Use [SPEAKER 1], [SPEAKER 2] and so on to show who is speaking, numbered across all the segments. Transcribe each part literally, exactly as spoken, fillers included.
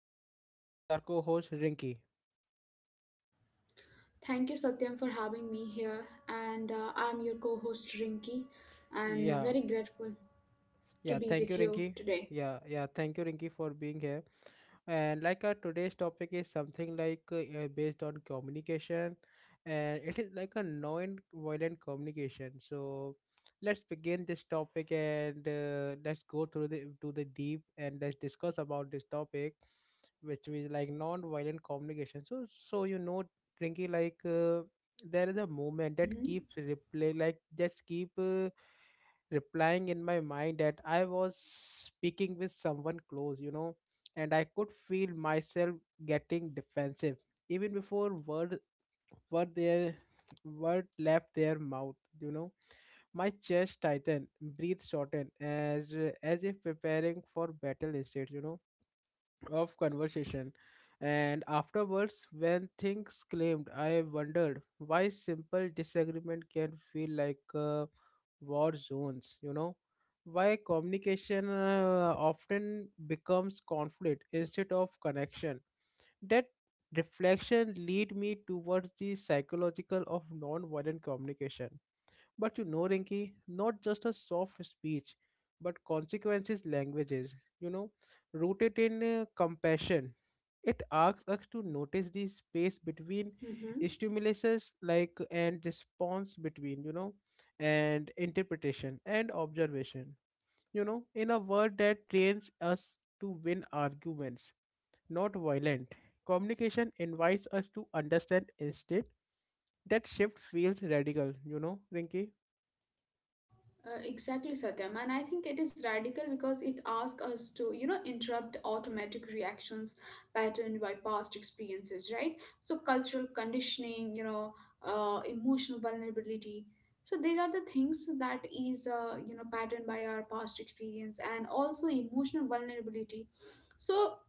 [SPEAKER 1] and with me is our co-host Rinky.
[SPEAKER 2] Thank you, Satyam, for having me here. And uh, I'm your co host, Rinki, and
[SPEAKER 1] Yeah,
[SPEAKER 2] very grateful to
[SPEAKER 1] yeah,
[SPEAKER 2] be
[SPEAKER 1] thank you,
[SPEAKER 2] with you
[SPEAKER 1] Rinky.
[SPEAKER 2] today.
[SPEAKER 1] Yeah, yeah, thank you, Rinky, for being here. And like our today's topic is something like uh, uh, based on communication, and it is like a non-violent communication. So let's begin this topic and uh, let's go through the to the deep, and let's discuss about this topic, which is like non-violent communication. So so, you know, Rinky, like uh, there is a movement that
[SPEAKER 2] Mm-hmm.
[SPEAKER 1] keeps replay, like that's keep. Uh, replying in my mind that I was speaking with someone close, you know, and I could feel myself getting defensive even before word word their word left their mouth, you know. My chest tightened, breath shortened, as as if preparing for battle instead, you know of conversation. And afterwards, when things claimed, I wondered why simple disagreement can feel like uh, war zones, you know? Why communication uh, often becomes conflict instead of connection. That reflection lead me towards the psychological of non-violent communication, but you know, Rinki, not just a soft speech, but consequences languages, you know, rooted in uh, compassion. It asks us to notice the space between
[SPEAKER 2] Mm-hmm.
[SPEAKER 1] stimuluses, like, and response between, you know, and interpretation and observation. You know, in a word that trains us to win arguments, not violent. Communication invites us to understand instead. That shift feels radical, you know, Rinki.
[SPEAKER 2] Uh, exactly, Satyam. And I think it is radical because it asks us to, you know, interrupt automatic reactions patterned by past experiences, right? So, cultural conditioning, you know, uh, emotional vulnerability. So these are the things that is, uh, you know, patterned by our past experience and also emotional vulnerability. So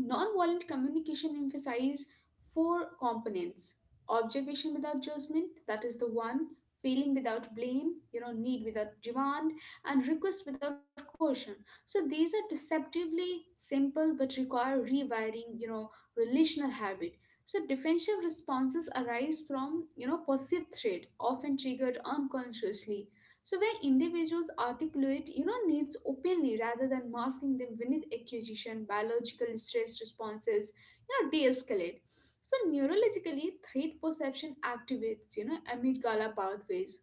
[SPEAKER 2] nonviolent communication emphasizes four components: observation without judgment, that is the one, feeling without blame, you know, need without demand, and request without coercion. So these are deceptively simple but require rewiring, you know, relational habit. So defensive responses arise from, you know, perceived threat, often triggered unconsciously. So where individuals articulate, you know, needs openly rather than masking them beneath accusation, biological stress responses, you know, de-escalate. So neurologically, threat perception activates, you know, amygdala pathways.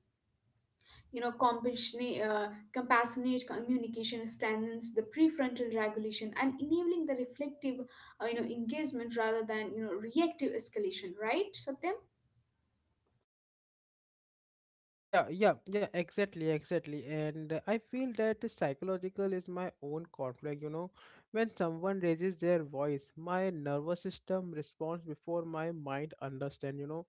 [SPEAKER 2] You know, compassionate, uh, compassionate communication strengthens the prefrontal regulation and enabling the reflective, uh, you know, engagement rather than you know reactive escalation. Right, Satya?
[SPEAKER 1] Yeah, yeah, yeah, exactly, exactly. And uh, I feel that psychological is my own conflict, you know. When someone raises their voice, my nervous system responds before my mind understand, you know.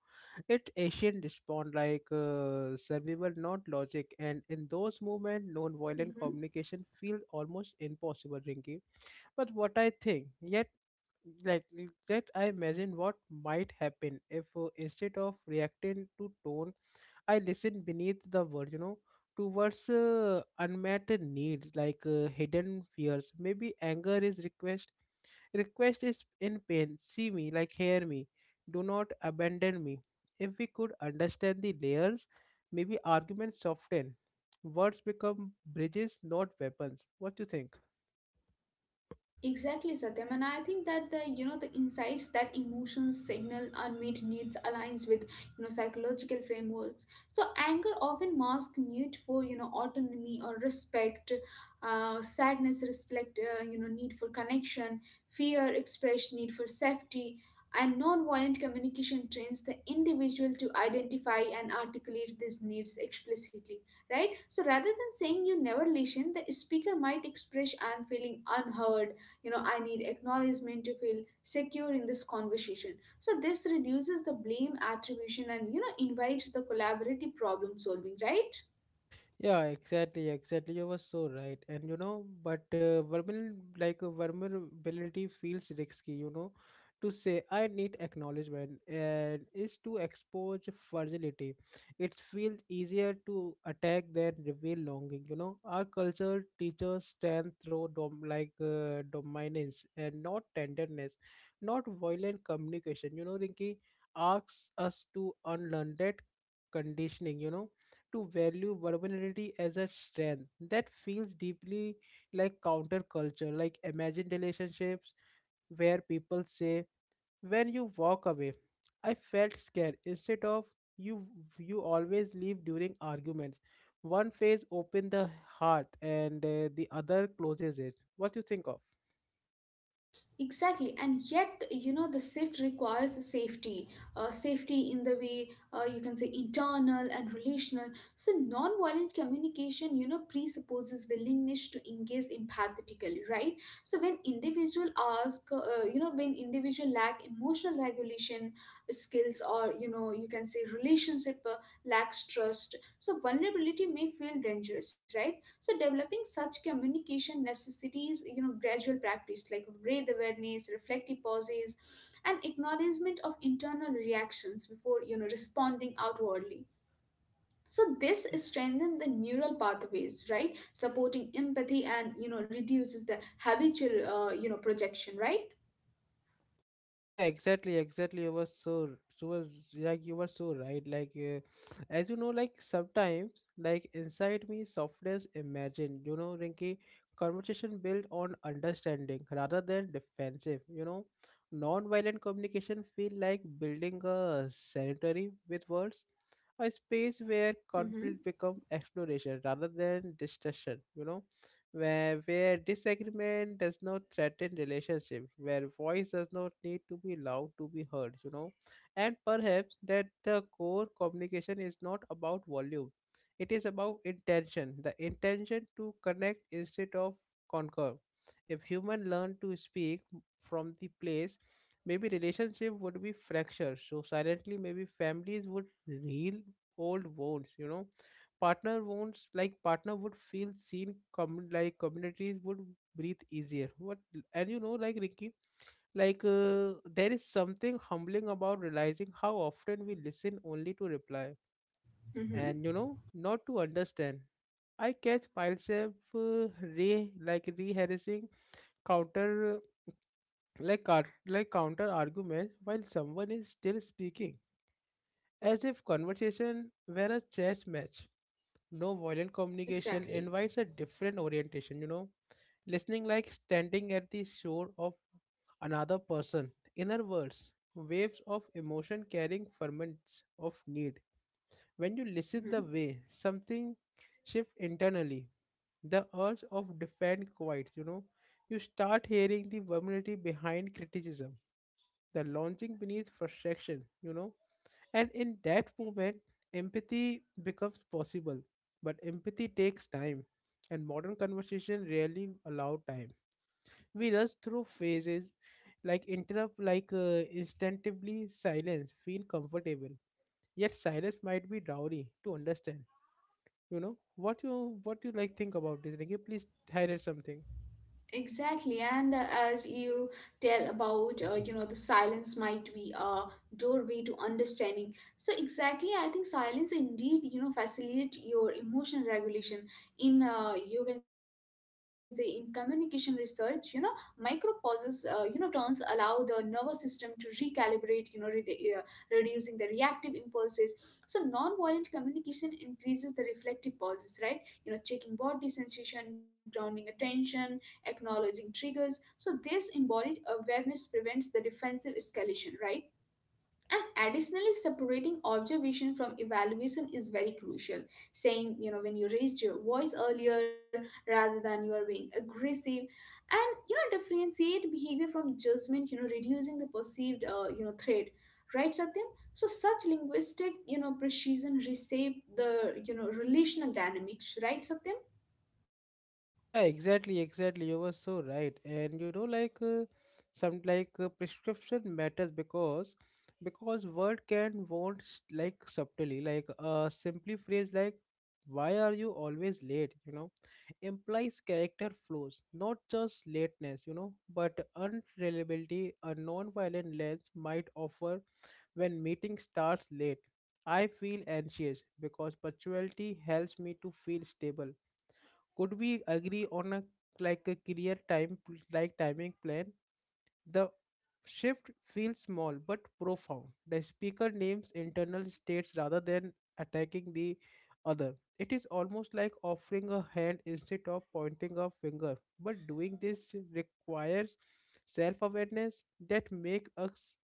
[SPEAKER 1] It ancient respond like uh, survival, not logic. And in those moments, non-violent
[SPEAKER 2] Mhm.
[SPEAKER 1] communication feels almost impossible, Rinky. But what I think, yet, like, that I imagine what might happen if uh, instead of reacting to tone, I listen beneath the word, you know, towards uh, unmet needs, like uh, hidden fears. Maybe anger is request. Request is in pain. See me, like hear me. Do not abandon me. If we could understand the layers, maybe arguments soften. Words become bridges, not weapons. What do you think?
[SPEAKER 2] Exactly, Satyam, and I think that the you know the insights that emotions signal unmet needs aligns with you know psychological frameworks. So anger often masks need for you know autonomy or respect. Uh, sadness reflect uh, you know need for connection. Fear expressed need for safety. And non-violent communication trains the individual to identify and articulate these needs explicitly, right? So rather than saying you never listen, the speaker might express "I'm feeling unheard." You know, I need acknowledgement to feel secure in this conversation. So this reduces the blame attribution and you know invites the collaborative problem solving, right?
[SPEAKER 1] Yeah, exactly, exactly. You were so right. And you know, but uh, vulnerable, like uh, vulnerability feels risky, you know, to say I need acknowledgement and is to expose fragility. It feels easier to attack than reveal longing, you know. Our culture teaches strength through dom- like uh, dominance and not tenderness, not violent communication. You know, Rinki asks us to unlearn that conditioning, you know to value vulnerability as a strength. That feels deeply like counterculture. Like imagine relationships where people say, "When you walk away, I felt scared." Instead of you, you always leave during arguments. One phase opens the heart, and uh, the other closes it. What do you think of?
[SPEAKER 2] Exactly, and yet you know the shift requires safety, uh, safety in the way uh, you can say internal and relational. So non-violent communication, you know, presupposes willingness to engage empathetically, right? So when individual ask, uh, you know, when individual lack emotional regulation skills, or you know, you can say relationship uh, lacks trust. So vulnerability may feel dangerous, right? So developing such communication necessities you know gradual practice like breath awareness, reflective pauses, and acknowledgement of internal reactions before you know responding outwardly. So this strengthens the neural pathways, right, supporting empathy, and you know reduces the habitual uh, you know projection, right?
[SPEAKER 1] yeah, exactly, exactly. you were so you was like you were so right, like uh, as you know, like, sometimes, like, inside me softness imagine, you know, rinky, conversation built on understanding rather than defensive, you know, non-violent communication feel like building a sanitary with words, a space where conflict
[SPEAKER 2] Mm-hmm.
[SPEAKER 1] become exploration rather than destruction, you know, where where disagreement does not threaten relationship, where voice does not need to be loud to be heard, you know. And perhaps that the core communication is not about volume, it is about intention, the intention to connect instead of conquer. If human learn to speak from the place, maybe relationship would be fractured so silently, maybe families would heal old wounds, you know. Partner won't like partner would feel seen, com- like communities would breathe easier. What? And you know, like, ricky, like uh, there is something humbling about realizing how often we listen only to reply,
[SPEAKER 2] Mm-hmm.
[SPEAKER 1] and you know, not to understand. I catch myself uh, re like rehearsing counter, like car- like counter argument while someone is still speaking, as if conversation were a chess match. No violent communication
[SPEAKER 2] Exactly.
[SPEAKER 1] invites a different orientation, you know, listening like standing at the shore of another person inner words, waves of emotion carrying ferments of need. When you listen, the
[SPEAKER 2] Mm-hmm.
[SPEAKER 1] way something shifts internally, the urge of defend quiet, you know, you start hearing the vulnerability behind criticism, the launching beneath frustration, you know, and in that moment, empathy becomes possible. But empathy takes time, and modern conversation rarely allow time. We rush through phases, like interrupt, like uh, instinctively silence, feel comfortable. Yet silence might be dowry to understand. You know what you what you like think about this? Like, please highlight something.
[SPEAKER 2] Exactly, and uh, as you tell about, uh, you know, the silence might be a doorway to understanding. So exactly, I think silence indeed, you know, facilitate your emotion regulation. In uh, you can say in communication research, you know, micro pauses, uh, you know, turns allow the nervous system to recalibrate, you know, re- uh, reducing the reactive impulses. So non-violent communication increases the reflective pauses, right? You know, checking body sensation, grounding attention, acknowledging triggers. So, this embodied awareness prevents the defensive escalation, right? And additionally, separating observation from evaluation is very crucial. Saying, you know, when you raised your voice earlier rather than you are being aggressive, and you know, differentiate behavior from judgment, you know, reducing the perceived, uh, you know, threat, right, Satyam? So, such linguistic, you know, precision reshape the, you know, relational dynamics, right, Satyam?
[SPEAKER 1] Yeah, exactly, exactly. You were so right. And you know, like uh, some, like uh, prescription matters, because because word can won't s- like subtly, like a simply phrase like why are you always late, you know, implies character flaws, not just lateness, you know, but unreliability. A non-violent lens might offer, when meeting starts late, I feel anxious because punctuality helps me to feel stable. Could we agree on a, like, a clear time pl- like timing plan? The shift feels small but profound. The speaker names internal states rather than attacking the other. It is almost like offering a hand instead of pointing a finger, but doing this requires self-awareness that makes us,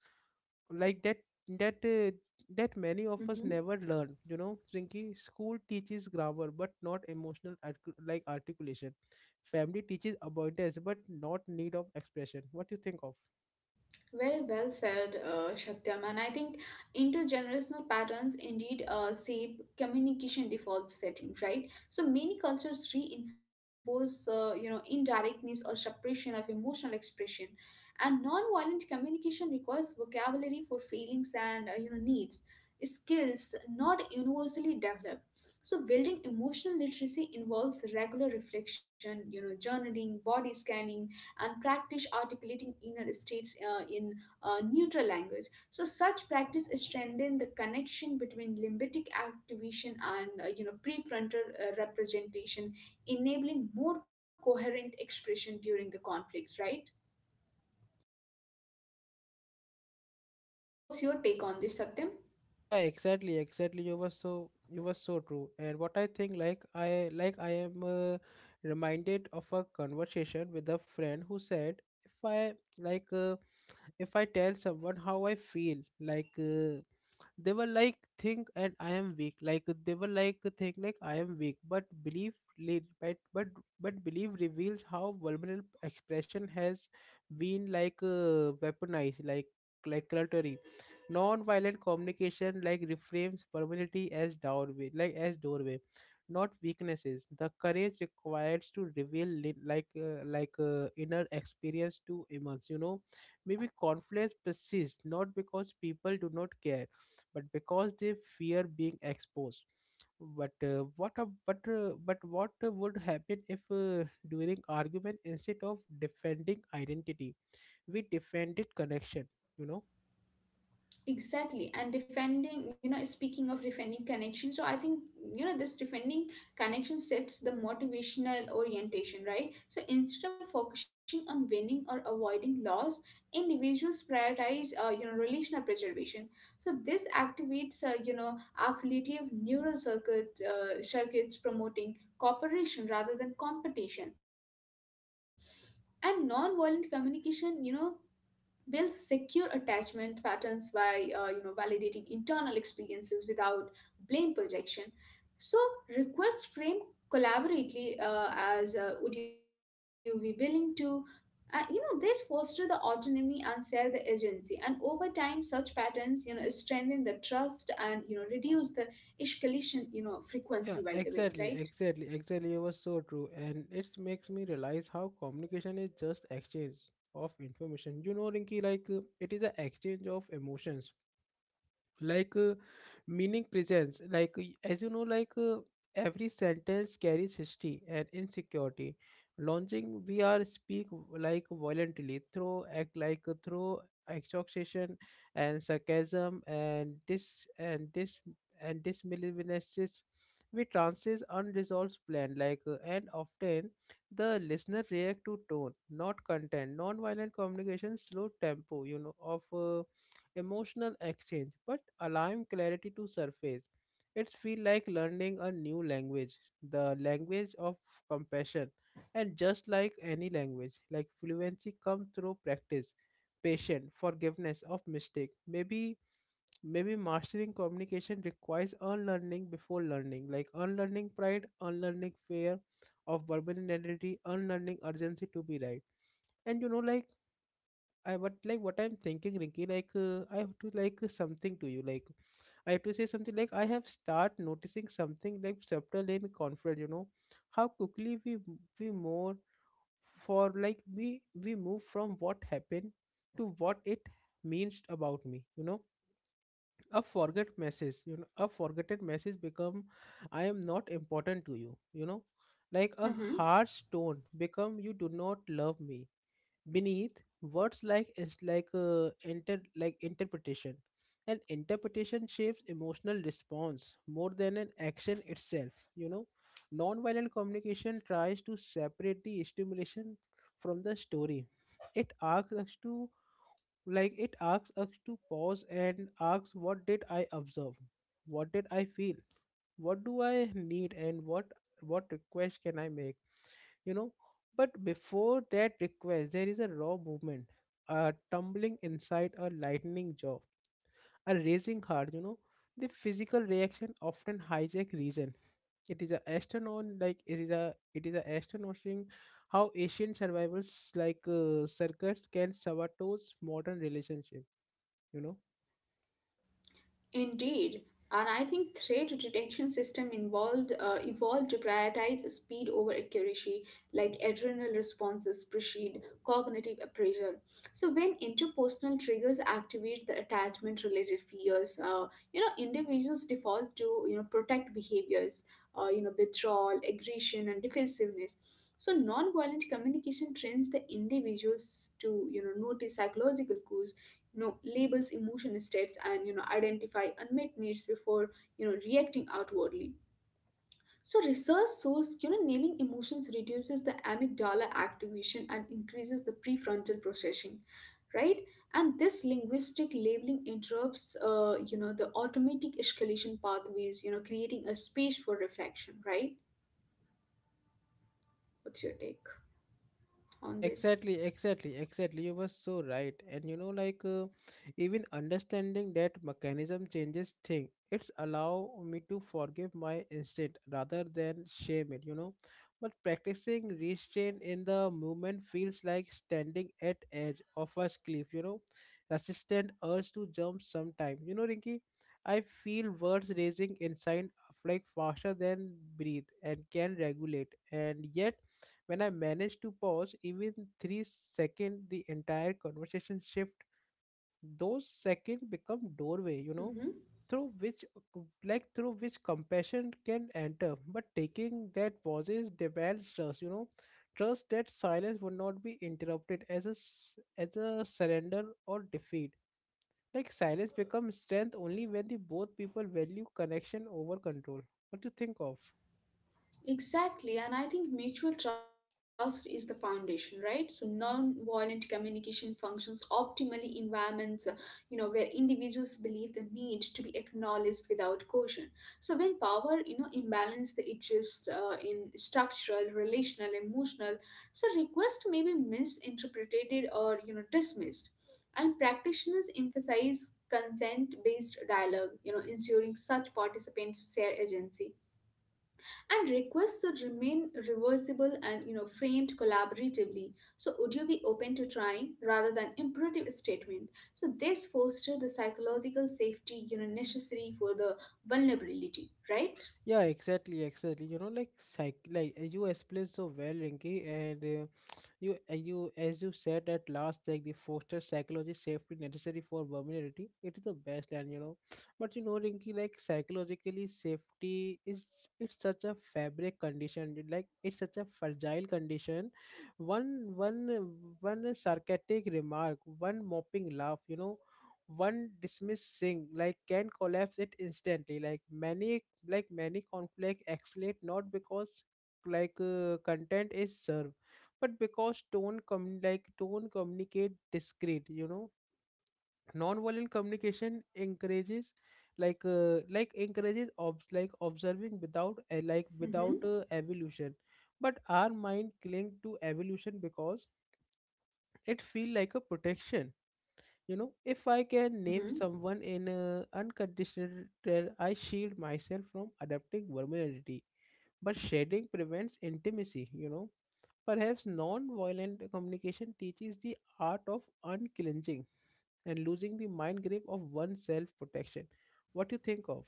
[SPEAKER 1] like that, that uh, that many of us
[SPEAKER 2] Mm-hmm.
[SPEAKER 1] never learn, you know. Rinky, school teaches grammar but not emotional artic- like articulation. Family teaches abundance but not need of expression. What do you think of?
[SPEAKER 2] Very well said, uh, Satyam. And I think intergenerational patterns indeed uh, shape communication default settings, right? So many cultures reinforce, uh, you know, indirectness or suppression of emotional expression. And non-violent communication requires vocabulary for feelings and, uh, you know, needs, skills not universally developed. So building emotional literacy involves regular reflection, you know, journaling, body scanning, and practice articulating inner states uh, in uh, neutral language. So such practice strengthens the connection between limbic activation and uh, you know prefrontal uh, representation, enabling more coherent expression during the conflicts. Right? What's your take on this, Satyam?
[SPEAKER 1] Yeah, exactly, exactly. You were so you were so true. And what I think, like, i like i am uh, reminded of a conversation with a friend who said, if I, like uh, if I tell someone how I feel, like uh, they were like think and I am weak, like they were like think like I am weak, but belief leads, but but but belief reveals how vulnerable expression has been, like uh, weaponized, like like cluttery, non-violent communication like reframes vulnerability as doorway, like as doorway, not weaknesses. The courage required to reveal li- like uh, like uh, inner experience to immense, you know. Maybe conflicts persist not because people do not care, but because they fear being exposed. But uh, what a, but uh, but what uh, would happen if uh, during argument, instead of defending identity, we defended connection, you know.
[SPEAKER 2] Exactly. And defending, you know, speaking of defending connection, so I think, you know, this defending connection shifts the motivational orientation, right? So instead of focusing on winning or avoiding loss, individuals prioritize, uh, you know, relational preservation. So this activates, uh, you know, affiliative neural circuit, uh, circuits promoting cooperation rather than competition. And non-violent communication, you know, builds secure attachment patterns by uh, you know validating internal experiences without blame projection. So request frame collaboratively uh, as uh, would you be willing to uh, you know this foster the autonomy and share the agency, and over time such patterns you know strengthen the trust and you know reduce the escalation you know frequency, by the way,
[SPEAKER 1] Yeah,
[SPEAKER 2] right?
[SPEAKER 1] exactly, exactly, exactly. It was so true, and it makes me realize how communication is just exchange of information, you know, Rinky, like uh, it is an exchange of emotions, like uh, meaning presence, like y- as you know, like uh, every sentence carries history and insecurity, launching we are speak like violently through act, like uh, through exhaustion and sarcasm, and this and this and this malicious, we transit unresolved plan, like uh, and often the listener react to tone, not content. Non-violent communication slow tempo, you know, of uh, emotional exchange, but allowing clarity to surface. It's feel like learning a new language, the language of compassion. And just like any language, like fluency comes through practice, patience, forgiveness of mistake. Maybe maybe mastering communication requires unlearning before learning, like unlearning pride, unlearning fear of verbal identity, unlearning urgency to be right. And you know, like, I, but like what I'm thinking, Rinky, like uh, I have to like uh, something to you, like I have to say something, like I have start noticing something, like subtle and confident. You know how quickly we m- we more for like we we move from what happened to what it means about me. You know, a forget message. You know, a forgotten message become I am not important to you. You know, like a
[SPEAKER 2] Mhm.
[SPEAKER 1] harsh tone become you do not love me beneath words, like is like uh, inter like interpretation. And interpretation shapes emotional response more than an action itself, you know. Nonviolent communication tries to separate the stimulation from the story. It asks us to like it asks us to pause, and asks what did I observe, what did I feel, what do I need, and what what request can I make, you know. But before that request, there is a raw movement, a tumbling inside, a lightning jaw, a racing heart, you know. The physical reaction often hijack reason. it is a astronaut like it is a it is a astonishing how ancient survivals, like uh, circuits can sabotage modern relationship, you know.
[SPEAKER 2] Indeed, and I think threat detection system involved uh, evolved to prioritize speed over accuracy, like adrenal responses precede cognitive appraisal. So when interpersonal triggers activate the attachment-related fears, uh, you know individuals default to you know protect behaviors, uh, you know withdrawal, aggression, and defensiveness. So, nonviolent communication trains the individuals to, you know, notice psychological cues, you know labels emotion states, and you know identify unmet needs before you know reacting outwardly. So research shows you know naming emotions reduces the amygdala activation and increases the prefrontal processing, right? And this linguistic labeling interrupts uh, you know the automatic escalation pathways, you know, creating a space for reflection, right? What's your take
[SPEAKER 1] Yeah,
[SPEAKER 2] on this?
[SPEAKER 1] exactly, exactly, exactly. You were so right. And you know, like uh, even understanding that mechanism changes thing. It's allow me to forgive my instinct rather than shame it, you know. But practicing restraint in the movement feels like standing at edge of a cliff, you know. Resistant urge to jump sometime. You know, Rinky, I feel words raising inside like faster than breathe and can regulate. And yet when I manage to pause even three seconds, the entire conversation shift. Those seconds become doorway, you know,
[SPEAKER 2] Mm-hmm.
[SPEAKER 1] through which uh, like through which compassion can enter. But taking that pauses demands trust, you know, trust that silence would not be interrupted as a s- as a surrender or defeat. Like silence becomes strength only when the both people value connection over control. What do you think of?
[SPEAKER 2] Exactly, and I think mutual trust is the foundation, right? So non-violent communication functions optimally in environments, uh, you know, where individuals believe the need to be acknowledged without caution. So when power, you know, imbalance that exists uh, in structural, relational, emotional, so request may be misinterpreted or you know dismissed. And practitioners emphasize consent-based dialogue, you know, ensuring such participants share agency, and requests should remain reversible and you know framed collaboratively. So would you be open to trying rather than imperative statement? So this foster the psychological safety you know necessary for the vulnerability, right?
[SPEAKER 1] Yeah, exactly, exactly. You know, like psych, like uh, you explained so well, Rinki, and uh, you, uh, you, as you said at last, like the foster psychology safety necessary for vulnerability. It is the best, and you know, but you know, Rinki, like psychologically, safety is it's such a fabric condition. you- Like it's such a fragile condition. One, one, uh, one sarcastic remark, one moping laugh, you know. One dismissing like can collapse it instantly. Like many like many conflict escalate not because like uh, content is served but because tone com- like tone communicate discreet, you know. Non-violent communication encourages like uh, like encourages ob- like observing without uh, like
[SPEAKER 2] Mm-hmm.
[SPEAKER 1] without uh, evolution, but our mind cling to evolution because it feel like a protection, you know. If I can name
[SPEAKER 2] Mm-hmm.
[SPEAKER 1] someone in a unconditional, I shield myself from adapting vulnerability, but shedding prevents intimacy, you know. Perhaps non violent communication teaches the art of unclenching and losing the mind grip of one's self protection. What do you think of?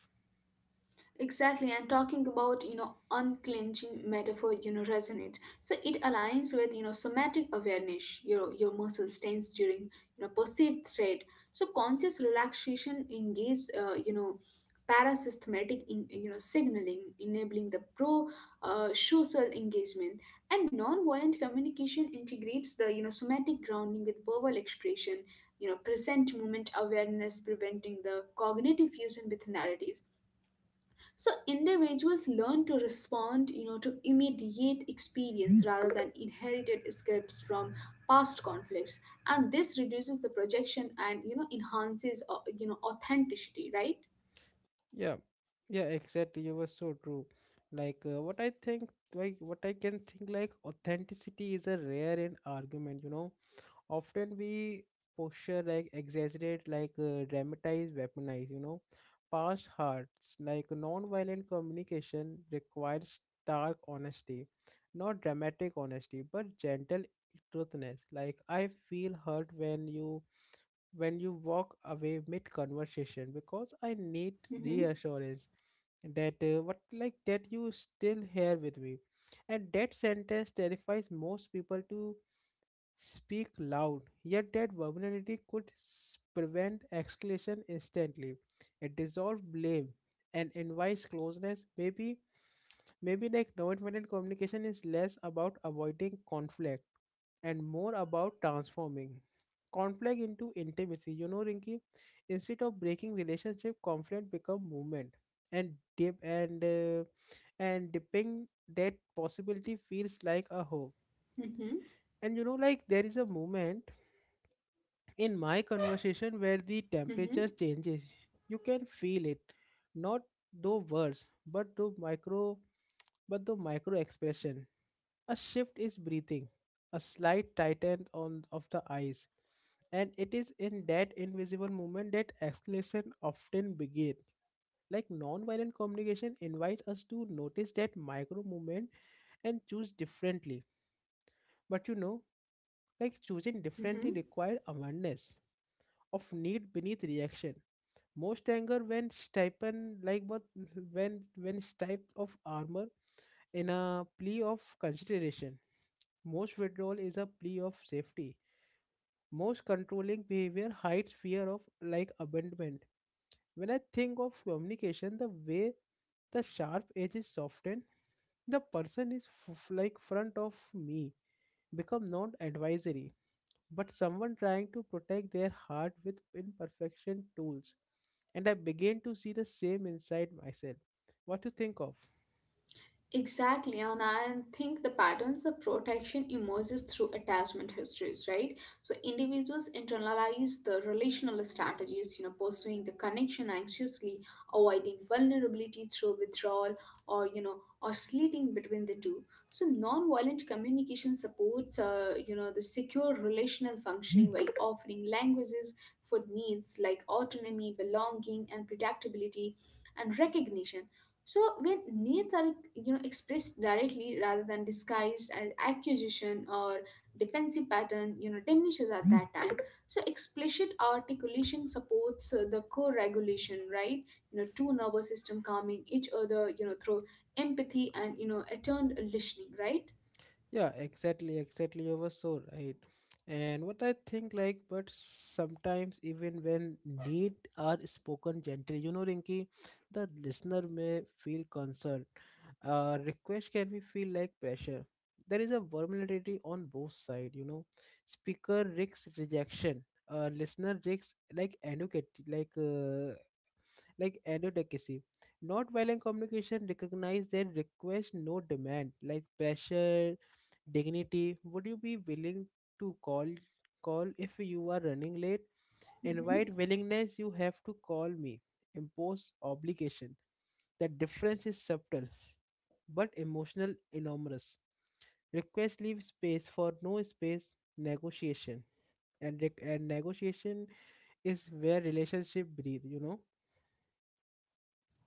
[SPEAKER 2] Exactly, and talking about you know unclenching metaphor, you know resonates. So it aligns with you know somatic awareness. Your your muscles tense during you know perceived threat. So conscious relaxation engages uh, you know parasympathetic in, you know signaling, enabling the pro uh, social engagement. And non-violent communication integrates the you know somatic grounding with verbal expression. You know present moment awareness, preventing the cognitive fusion with narratives. So individuals learn to respond, you know, to immediate experience rather than inherited scripts from past conflicts, and this reduces the projection and you know enhances, uh, you know, authenticity, right?
[SPEAKER 1] Yeah, yeah, exactly. You were so true. Like, uh, what I think, like, what I can think, like, authenticity is a rare and argument, you know. Often we posture like exaggerate like uh, dramatize weaponize, you know, past hearts. Like non-violent communication requires stark honesty, not dramatic honesty but gentle truthness. Like I feel hurt when you when you walk away mid conversation because I need
[SPEAKER 2] Mm-hmm.
[SPEAKER 1] reassurance that uh, what like that you still here with me, and that sentence terrifies most people to speak loud, yet that vulnerability could s- prevent escalation instantly. It dissolves blame and invites closeness. Maybe, maybe like non-violent communication is less about avoiding conflict and more about transforming conflict into intimacy. You know, Rinki, instead of breaking relationship, conflict become movement and deep and uh, and dipping that possibility feels like a hope.
[SPEAKER 2] Mm-hmm.
[SPEAKER 1] And you know, like there is a moment in my conversation where the temperature
[SPEAKER 2] Mm-hmm.
[SPEAKER 1] changes. You can feel it, not though words but through micro but the micro expression, a shift is breathing, a slight tighten on of the eyes, and it is in that invisible movement that escalation often begins. Like non-violent communication invites us to notice that micro movement and choose differently. But you know, like choosing differently
[SPEAKER 2] Mm-hmm.
[SPEAKER 1] requires awareness of need beneath reaction. Most anger, when stipend like but when when stripped of armor, in a plea of consideration. Most withdrawal is a plea of safety. Most controlling behavior hides fear of like abandonment. When I think of communication the way the sharp edge is softened, the person is f- like front of me, become not advisory but someone trying to protect their heart with imperfection tools, and I began to see the same inside myself. What you think of?
[SPEAKER 2] Exactly, and I think the patterns of protection emerges through attachment histories, right? So individuals internalize the relational strategies, you know, pursuing the connection anxiously, avoiding vulnerability through withdrawal, or you know, or slitting between the two. So non-violent communication supports, uh, you know, the secure relational functioning by offering languages for needs like autonomy, belonging, and predictability and recognition. So when needs are you know expressed directly rather than disguised as accusation or defensive pattern, you know diminishes at that time. So explicit articulation supports uh, the co-regulation, right? You know, two nervous system calming each other, you know, through empathy and you know attuned listening, right?
[SPEAKER 1] Yeah, exactly, exactly. You were so right. And what I think, like, but sometimes even when need are spoken gently, you know, Rinky, the listener may feel concerned. Uh, request can be feel like pressure. There is a vulnerability on both sides, you know. Speaker risks rejection. Uh, listener risks like educate, like uh, like advocacy. Not violent communication recognize that request no demand, like pressure, dignity. Would you be willing to call call if you are running late?
[SPEAKER 2] Mm-hmm.
[SPEAKER 1] Invite willingness you have to call me. Impose obligation. The difference is subtle but emotional enormous. Request leave space for no space negotiation. And, rec- and negotiation is where relationship breathe, you know.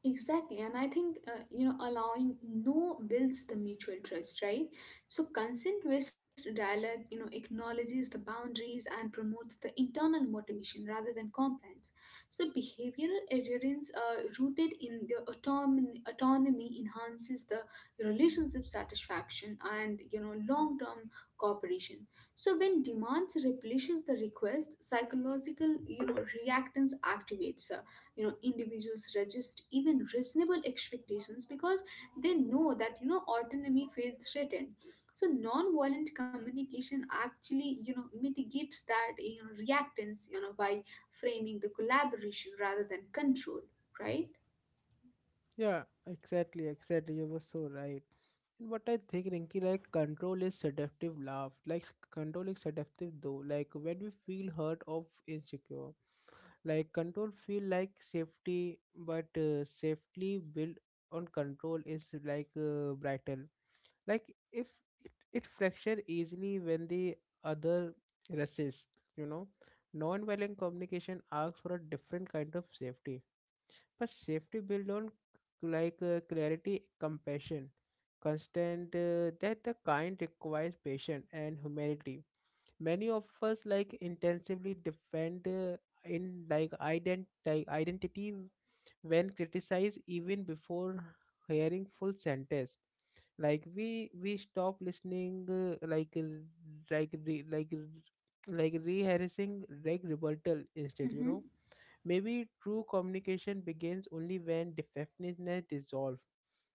[SPEAKER 2] Exactly, and I think uh, you know allowing no builds the mutual trust, right? So consent-based dialogue, you know, acknowledges the boundaries and promotes the internal motivation rather than compliance. So behavioral adherence, uh, rooted in the autonomy, autonomy, enhances the relationship satisfaction and you know long-term cooperation. So when demands replenishes the request, psychological you know reactance activates, you know individuals resist even reasonable expectations because they know that you know autonomy feels threatened. So non-violent communication actually you know mitigates that you know reactance you know by framing the collaboration rather than control, right?
[SPEAKER 1] Yeah, exactly, exactly. You were so right. And what I think, Rinky, like control is seductive love. Like s- control is seductive though. Like when we feel hurt or insecure, like control feel like safety, but uh, safely built on control is like uh, brittle. Like if it, it fracture easily when the other resists, you know. Non-violent communication asks for a different kind of safety, but safety built on like uh, clarity, compassion, constant. Uh, that the kind requires patience and humility. Many of us like intensively defend uh, in like ident like identity when criticized even before hearing full sentence. Like we we stop listening uh, like uh, like re, like re, like rehearsing like rebuttal instead. You
[SPEAKER 2] Mhm.
[SPEAKER 1] know, maybe true communication begins only when defensiveness dissolves,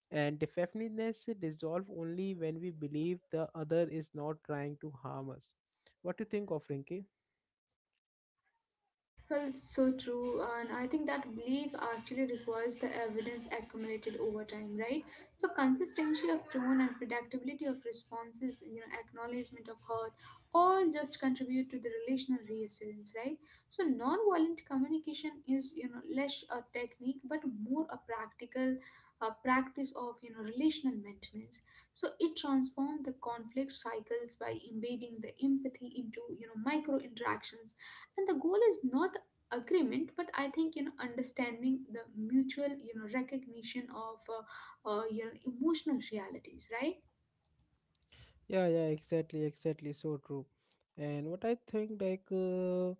[SPEAKER 1] and defensiveness dissolve only when we believe the other is not trying to harm us. What do you think of, Rinki?
[SPEAKER 2] Well, it's so true, and I think that belief actually requires the evidence accumulated over time, right? So, consistency of tone and predictability of responses, you know, acknowledgement of hurt, all just contribute to the relational reassurance, right? So, non-violent communication is, you know, less a technique but more a practical uh, practice of, you know, relational maintenance. So, it transforms the conflict cycles by embedding the empathy into, you know, micro interactions, and the goal is not agreement but I think you know understanding the mutual you know recognition of uh, uh, your emotional realities, right?
[SPEAKER 1] Yeah, yeah, exactly, exactly. So true. And what I think, like, uh,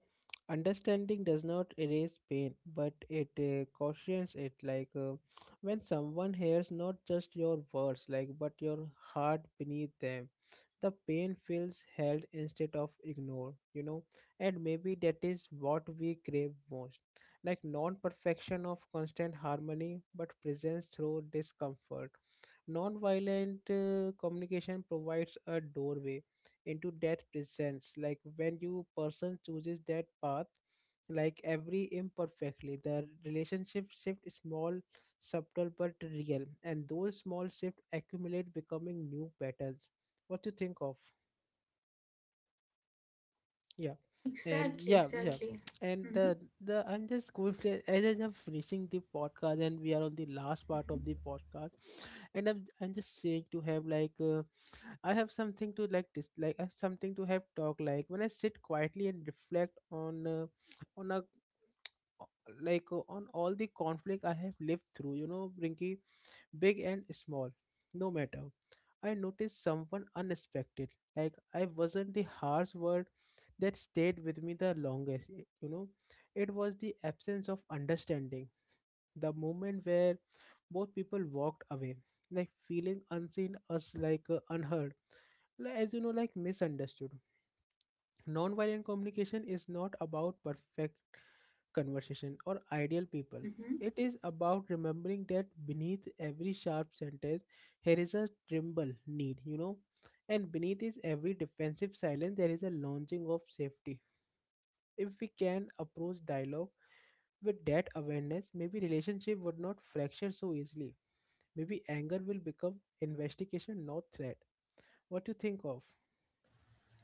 [SPEAKER 1] understanding does not erase pain, but it uh, cautions it. Like, uh, when someone hears not just your words, like, but your heart beneath them, the pain feels held instead of ignored, you know. And maybe that is what we crave most, like non perfection of constant harmony but presence through discomfort. Nonviolent uh, communication provides a doorway into that presence. Like when you person chooses that path, like every imperfectly, the relationship shift is small, subtle but real, and those small shift accumulate, becoming new patterns. What do you think of? Yeah. And
[SPEAKER 2] Exactly.
[SPEAKER 1] yeah, yeah.
[SPEAKER 2] Exactly.
[SPEAKER 1] and
[SPEAKER 2] Hmm.
[SPEAKER 1] uh, the I'm just going to, as I'm finishing the podcast and we are on the last part of the podcast, and i'm, I'm just saying to have like uh, I have something to like dis- like I have something to have talk. Like when I sit quietly and reflect on uh, on a like uh, on all the conflict I have lived through, you know, Brinky, big and small, no matter. I noticed someone unexpected. Like I wasn't the harsh word that stayed with me the longest. y- You know, it was the absence of understanding. The moment where both people walked away, like feeling unseen, us like uh, unheard, li- as you know, like misunderstood. Nonviolent communication is not about perfect conversation or ideal people.
[SPEAKER 2] Hmm.
[SPEAKER 1] It is about remembering that beneath every sharp sentence, here is a tremble need, you know, and beneath is every defensive silence, there is a launching of safety. If we can approach dialogue with that awareness, maybe relationship would not fracture so easily. Maybe anger will become investigation, not threat. What do you think of?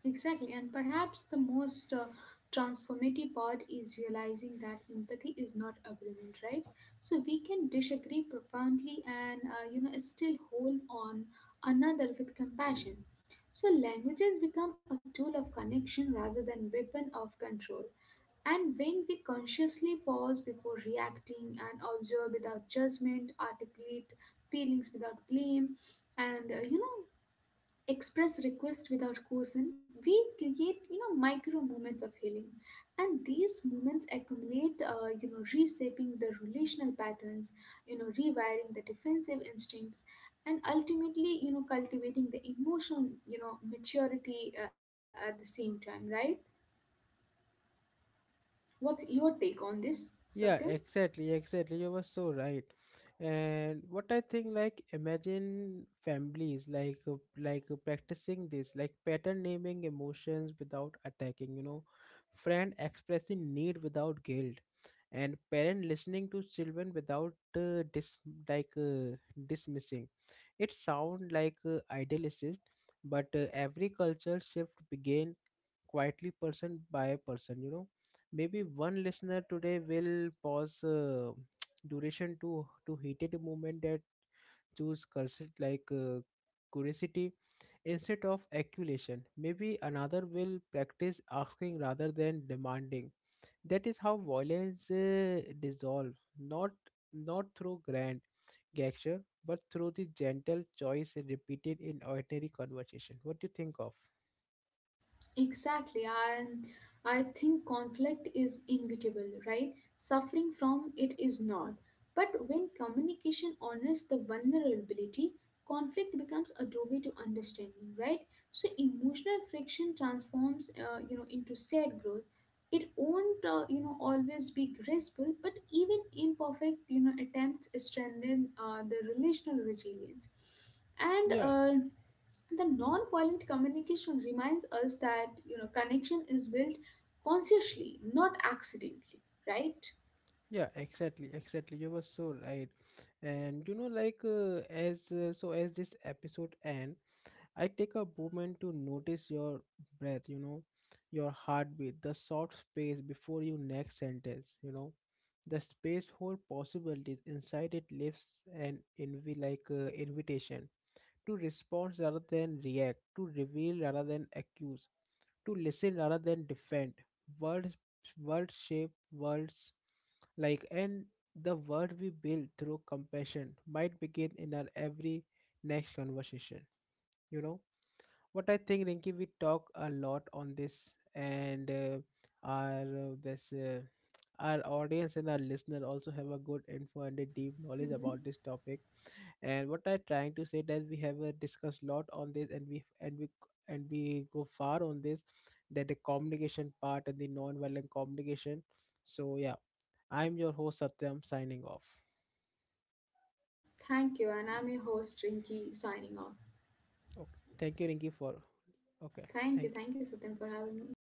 [SPEAKER 2] Exactly, and perhaps the most uh, transformative part is realizing that empathy is not agreement, right? So we can disagree profoundly and uh, you know still hold on another with compassion. So languages become a tool of connection rather than weapon of control. And when we consciously pause before reacting and observe without judgment, articulate feelings without blame, and uh, you know, express requests without coercion, we create you know micro moments of healing, and these moments accumulate, uh, you know, reshaping the relational patterns, you know, rewiring the defensive instincts, and ultimately, you know, cultivating the emotional, you know, maturity uh, at the same time. Right? What's your take on this, Satyam?
[SPEAKER 1] Yeah, exactly, exactly. You were so right. And what I think, like, imagine families like uh, like uh, practicing this, like pattern naming emotions without attacking, you know, friend expressing need without guilt, and parent listening to children without uh, dis like uh, dismissing. It sound like uh, idealistic, but uh, every culture shift began quietly, person by person, you know. Maybe one listener today will pause uh, duration to to heated moment, that choose cursed like uh, curiosity instead of accusation. Maybe another will practice asking rather than demanding. That is how violence uh, dissolve, not not through grand gesture but through the gentle choice repeated in ordinary conversation. What do you think of?
[SPEAKER 2] Exactly, and I think conflict is inevitable, right? Suffering from it is not. But when communication honors the vulnerability, conflict becomes a doorway to understanding, right? So emotional friction transforms, uh, you know, into shared growth. It won't, uh, you know, always be graceful, but even imperfect, you know, attempts strengthen uh, the relational resilience. And
[SPEAKER 1] Yeah.
[SPEAKER 2] uh, the non-violent communication reminds us that you know connection is built consciously, not accidentally, right?
[SPEAKER 1] Yeah, exactly, exactly. You were so right. And you know, like uh, as uh, so as this episode end, I take a moment to notice your breath, you know, your heartbeat, the soft space before your next sentence, you know, the space whole possibilities inside it lives an envy like uh, invitation to respond rather than react, to reveal rather than accuse, to listen rather than defend. World, world shape worlds, like and the world we build through compassion might begin in our every next conversation. You know what I think, Rinki. We talk a lot on this, and uh, our uh, this. Uh, our audience and our listener also have a good info and a deep knowledge about
[SPEAKER 2] Hmm.
[SPEAKER 1] this topic. And what I'm trying to say, that we have uh, discussed lot on this, and we and we and we go far on this, that the communication part and the non-violent communication. So yeah, I'm your host Satyam, signing off.
[SPEAKER 2] Thank you, and I'm your host Rinki, signing off.
[SPEAKER 1] Okay, thank you, Rinki, for okay,
[SPEAKER 2] Thank you.
[SPEAKER 1] thank you
[SPEAKER 2] Thank you, Satyam, for having me.